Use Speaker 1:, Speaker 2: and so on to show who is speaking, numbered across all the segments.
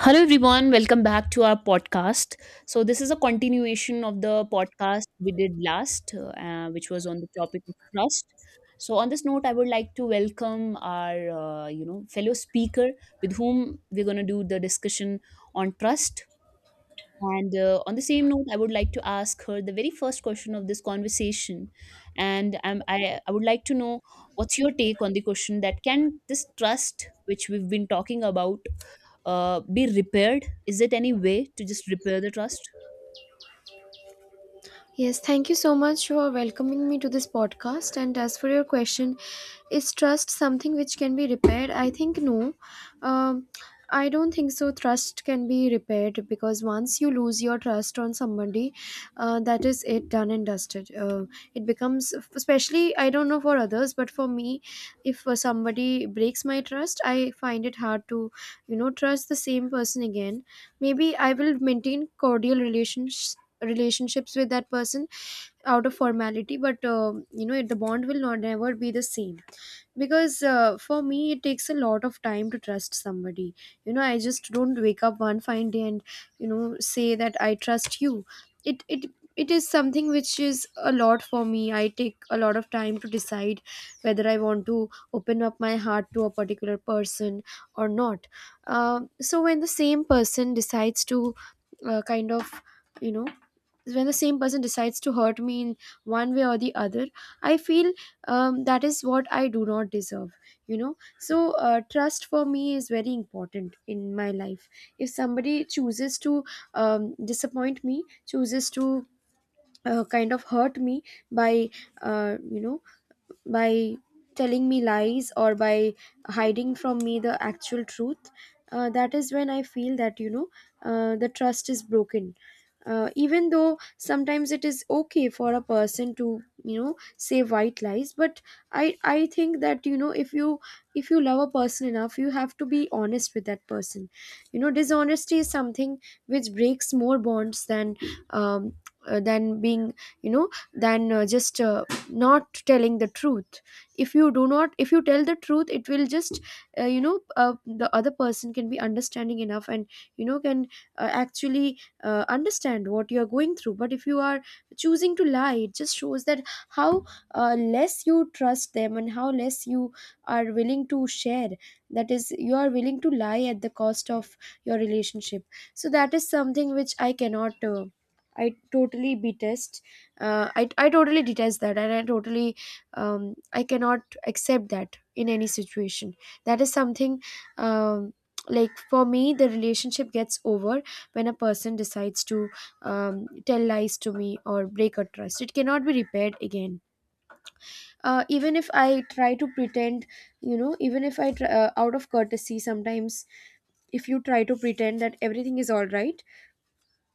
Speaker 1: Hello, everyone. Welcome back to our podcast. So, this is a continuation of the podcast we did last, which was on the topic of trust. So, on this note, I would like to welcome our, fellow speaker with whom we're going to do the discussion on trust. And on the same note, I would like to ask her the very first question of this conversation. And I would like to know what's your take on the question that can this trust, which we've been talking about, be repaired? Is it any way to just repair the trust?
Speaker 2: Yes, thank you so much for welcoming me to this podcast. And as for your question, is trust something which can be repaired? I think no. Um, I don't think so. Trust can be repaired because once you lose your trust on somebody, that is it, done and dusted. It becomes, especially, I don't know for others, but for me, if somebody breaks my trust, I find it hard to, you know, trust the same person again. Maybe I will maintain cordial relationships with that person out of formality, but you know, the bond will not never be the same, because for me it takes a lot of time to trust somebody. You know, I just don't wake up one fine day and, you know, say that I trust you. It it is something which is a lot for me. I take a lot of time to decide whether I want to open up my heart to a particular person or not. So when the same person decides to kind of, you know, when the same person decides to hurt me in one way or the other, I feel, that is what I do not deserve. You know, so trust for me is very important in my life. If somebody chooses to, disappoint me, chooses to kind of hurt me by, you know, by telling me lies or by hiding from me the actual truth, that is when I feel that, you know, the trust is broken. Even though sometimes it is okay for a person to, you know, say white lies, but I think that, you know, if you, if you love a person enough, you have to be honest with that person. You know, dishonesty is something which breaks more bonds than, um, than being, you know, than just not telling the truth. If you do not, if you tell the truth, it will just, you know, the other person can be understanding enough and, you know, can actually understand what you are going through. But if you are choosing to lie, it just shows that how less you trust them, and how less you are willing to share, that is, you are willing to lie at the cost of your relationship. So that is something which I cannot, I totally detest. I totally detest that, and I totally, I cannot accept that in any situation. That is something, um, like for me, the relationship gets over when a person decides to, tell lies to me or break a trust. It cannot be repaired again. Even if I try to pretend, you know, even if I try, out of courtesy sometimes, if you try to pretend that everything is all right,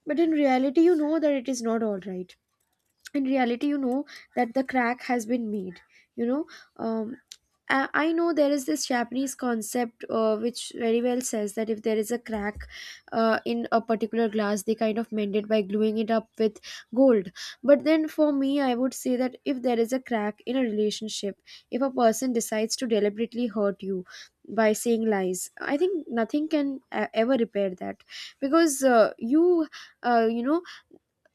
Speaker 2: but in reality you know that it is not all right. In reality you know that the crack has been made, you know. Um, I I know there is this Japanese concept, which very well says that if there is a crack in a particular glass, they kind of mend it by gluing it up with gold. But then for me, I would say that if there is a crack in a relationship, if a person decides to deliberately hurt you by saying lies, I think nothing can ever repair that, because you, you know,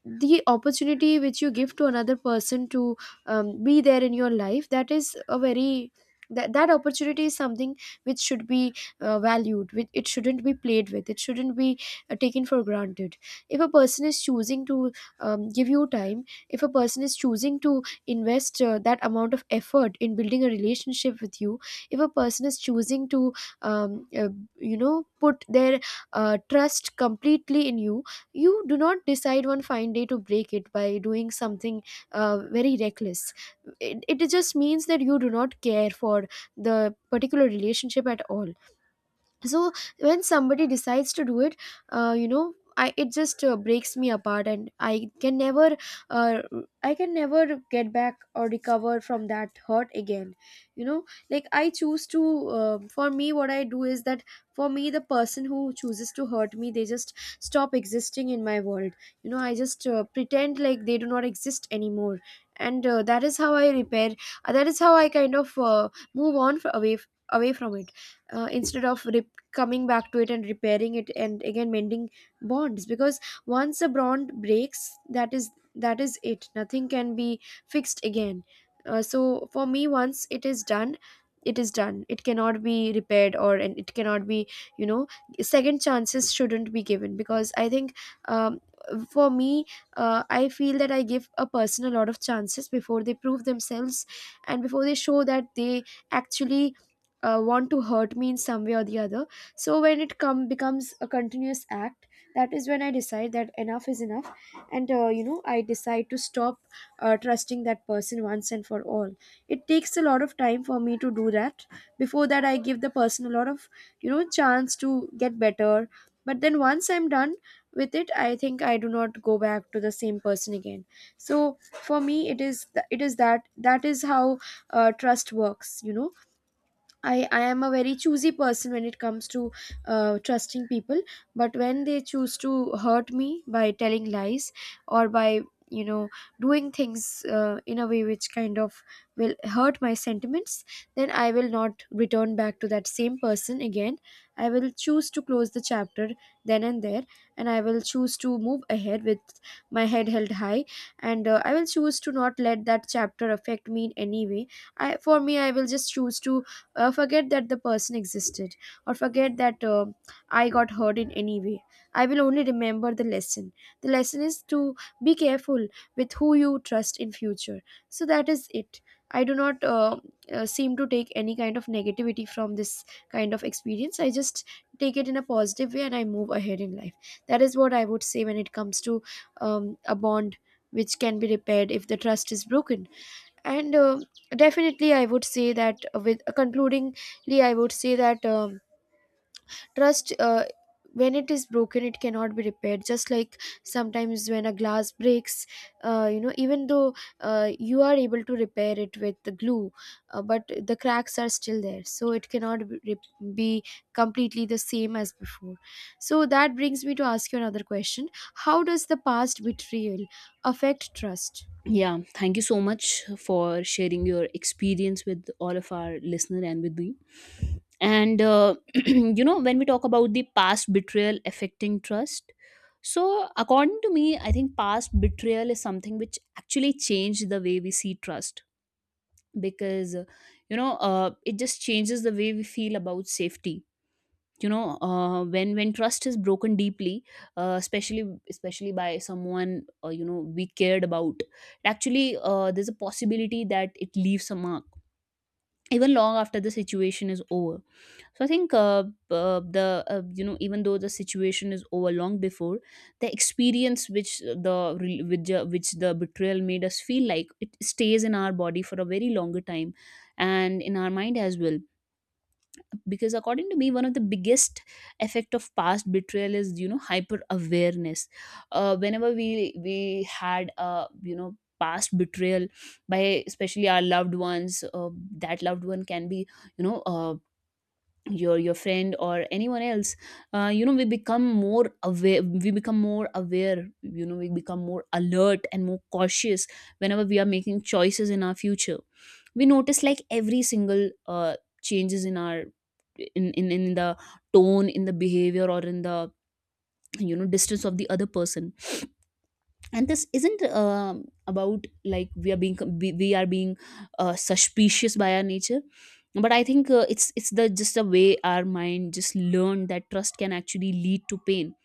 Speaker 2: the opportunity which you give to another person to, be there in your life, that is a very, that opportunity is something which should be valued. With it shouldn't be played with, it shouldn't be taken for granted. If a person is choosing to, give you time, if a person is choosing to invest that amount of effort in building a relationship with you, if a person is choosing to, um, uh, you know, put their trust completely in you, you do not decide one fine day to break it by doing something very reckless. It just means that you do not care for the particular relationship at all. So when somebody decides to do it, you know, it just breaks me apart, and I can never, uh, I can never get back or recover from that hurt again, you know. Like, I choose to, for me, what I do is that, for me, the person who chooses to hurt me, they just stop existing in my world. You know, I just pretend like they do not exist anymore. And that is how I repair, that is how I kind of, move on away away from it, instead of coming back to it and repairing it and again mending bonds. Because once a bond breaks, that is, that is it. Nothing can be fixed again. So for me, once it is done, it is done. It cannot be repaired, or, and it cannot be, you know, second chances shouldn't be given, because I think, um, for me, I feel that I give a person a lot of chances before they prove themselves, and before they show that they actually want to hurt me in some way or the other. So when it come becomes a continuous act, that is when I decide that enough is enough. And you know, I decide to stop trusting that person once and for all. It takes a lot of time for me to do that. Before that, I give the person a lot of, you know, chance to get better. But then once I'm done with it, I think I do not go back to the same person again. So for me, it is it is that, that is how trust works, you know. I am a very choosy person when it comes to trusting people. But when they choose to hurt me by telling lies, or by, you know, doing things in a way which kind of will hurt my sentiments, then I will not return back to that same person again. I will choose to close the chapter then and there, and I will choose to move ahead with my head held high. And I will choose to not let that chapter affect me in any way. I for me i will just choose to, forget that the person existed, or forget that I got hurt in any way. I will only remember the lesson. The lesson is to be careful with who you trust in future. So that is it. I do not seem to take any kind of negativity from this kind of experience. I just take it in a positive way, and I move ahead in life. That is what I would say when it comes to, a bond which can be repaired if the trust is broken. And definitely I would say that, with concludingly I would say that, trust, when it is broken, it cannot be repaired. Just like sometimes when a glass breaks, you know, even though you are able to repair it with the glue, but the cracks are still there, so it cannot be, be completely the same as before. So that brings me to ask you another question: how does the past betrayal affect trust?
Speaker 1: Yeah, thank you so much for sharing your experience with all of our listener and with me. And you know, when we talk about the past betrayal affecting trust, so according to me, I think past betrayal is something which actually changed the way we see trust because it just changes the way we feel about safety. When trust is broken deeply, uh, especially especially by someone you know we cared about, actually there's a possibility that it leaves a mark even long after the situation is over. So i think uh, uh, the uh, you know, even though the situation is over long before, the experience which which the betrayal made us feel like, it stays in our body for a very longer time, and in our mind as well. Because according to me, one of the biggest effect of past betrayal is, you know, hyper awareness. Whenever we had a, you know, past betrayal by especially our loved ones, that loved one can be, you know, your friend or anyone else. You know, we become more aware, we become more aware, you know, we become more alert and more cautious whenever we are making choices in our future. We notice like every single changes in our, in the tone, in the behavior, or in the, you know, distance of the other person. And this isn't, about, like, we are being suspicious by our nature, but I think it's the, just the way our mind just learned that trust can actually lead to pain,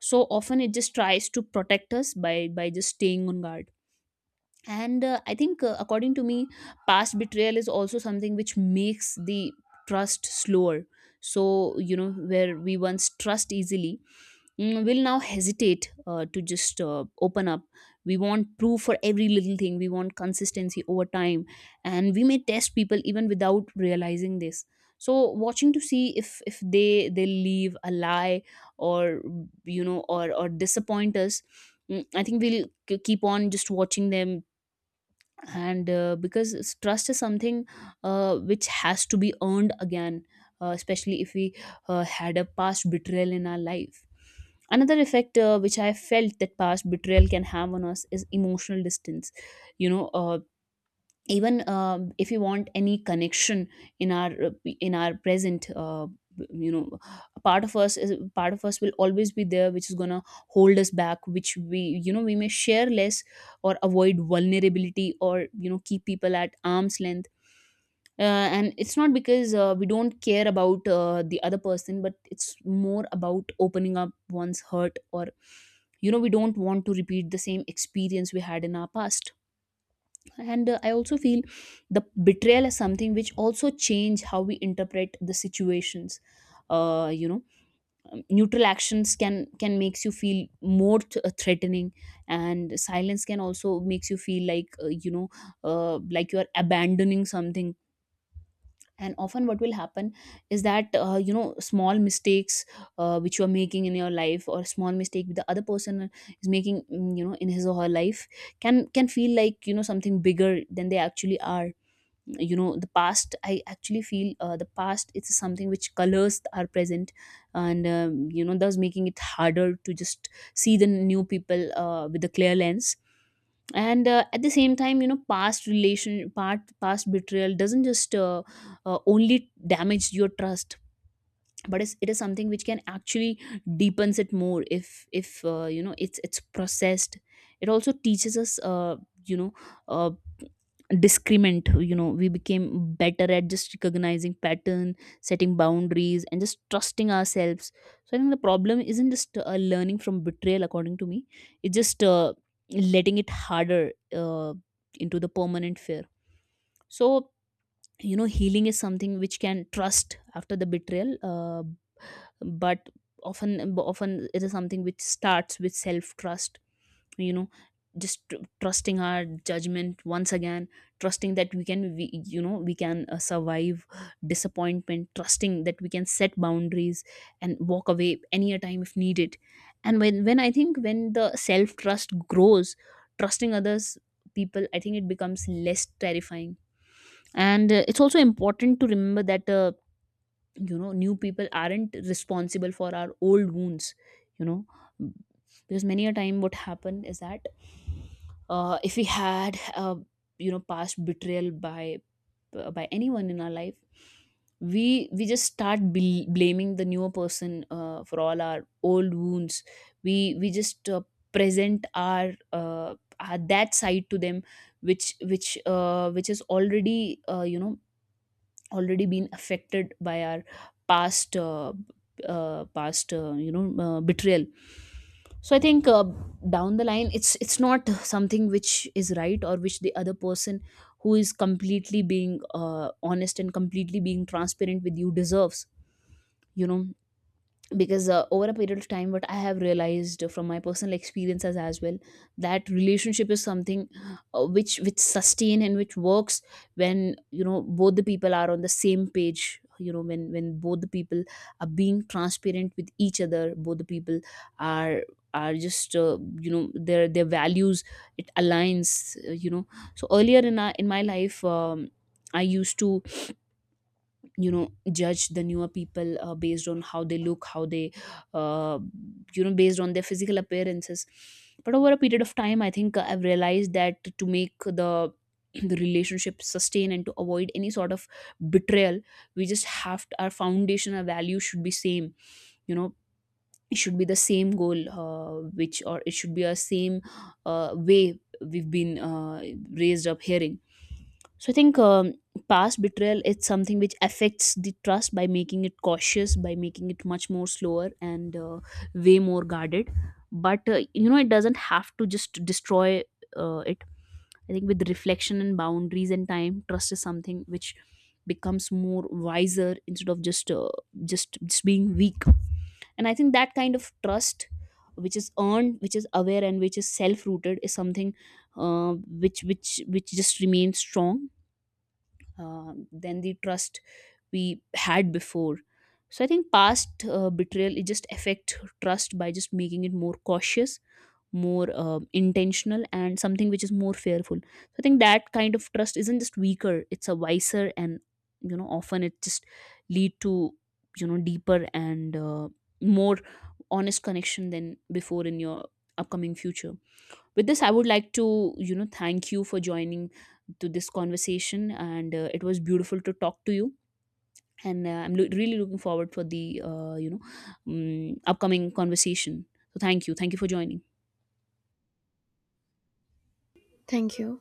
Speaker 1: so often it just tries to protect us by just staying on guard. And uh, i think uh, according to me, past betrayal is also something which makes the trust slower. So you know, where we once trust easily, mm, will now hesitate to just open up. We want proof for every little thing, we want consistency over time, and we may test people even without realizing this. So, watching to see if they leave a lie, or, you know, or disappoint us. Mm, I think we'll keep on just watching them. Trust is something which has to be earned again, especially if we had a past betrayal in our life. Another effect which I felt that past betrayal can have on us is emotional distance. You know uh, even uh, if you want any connection in our, in our present, you know, part of us will always be there which is gonna hold us back, which we, you know, we may share less or avoid vulnerability or, you know, keep people at arm's length. And it's not because we don't care about the other person, but it's more about opening up one's hurt, or, you know, we don't want to repeat the same experience we had in our past. And I also feel the betrayal is something which also change how we interpret the situations. You know, neutral actions can makes you feel more threatening, and silence can also makes you feel like, you know, like you are abandoning something. And often what will happen is that, you know, small mistakes which you are making in your life, or small mistake the other person is making, mm, you know, in his or her life, can feel like, you know, something bigger than they actually are. You know, the past, I actually feel the past, it's something which colors our present, and you know, thus making it harder to just see the new people with a clear lens. And at the same time, you know, past relation part past betrayal doesn't just only damage your trust, but it's, it is something which can actually deepens it more if, if you know, it's processed. It also teaches us you know uh, discriminant, you know, we became better at just recognizing pattern, setting boundaries, and just trusting ourselves. So I think the problem isn't just learning from betrayal, according to me, it's just letting it harder into the permanent fear. So, you know, healing is something which can trust after the betrayal, but often, often it is something which starts with self trust, you know, just trusting our judgment once again, trusting that you know, we can survive disappointment, trusting that we can set boundaries and walk away any a time if needed. And when when I think, when the self trust grows, trusting others, people, I think it becomes less terrifying. And it's also important to remember that, you know, new people aren't responsible for our old wounds. You know, because many a time what happened is that, if we had, you know, past betrayal by, by anyone in our life, we just start blaming the newer person for all our old wounds. We just present our that side to them, which which is already, you know, already been affected by our past, you know, betrayal. So I think, down the line, it's not something which is right, or which the other person who is completely being honest and completely being transparent with you deserves. You know, because over a period of time, what I have realized from my personal experiences as well, that relationship is something, which sustain and which works when, you know, both the people are on the same page. You know, when both the people are being transparent with each other, both the people are are just you know, their values, it aligns, you know. So earlier in our, in my life, I used to, you know, judge the newer people based on how they look, how they, uh, you know, based on their physical appearances. But over a period of time, I think I've realized that to make the the relationship sustain and to avoid any sort of betrayal, we just have to, our foundation, our value should be same, you know. It should be the same goal, which, or it should be a same way we've been raised up hearing. So I think, past betrayal is something which affects the trust by making it cautious, by making it much more slower, and way more guarded. But, you know, it doesn't have to just destroy it. I think with reflection and boundaries and time, trust is something which becomes more wiser instead of just being weak. And I think that kind of trust, which is earned, which is aware, and which is self-rooted, is something which just remains strong than the trust we had before. So I think past betrayal, it just affect trust by just making it more cautious, more intentional, and something which is more fearful. So I think that kind of trust isn't just weaker, it's a wiser, and, you know, often it just lead to, you know, deeper and more honest connection than before in your upcoming future. With this, I would like to, you know, thank you for joining to this conversation, and it was beautiful to talk to you, and I'm really looking forward for the, you know, upcoming conversation. So thank you, for joining.
Speaker 2: Thank you.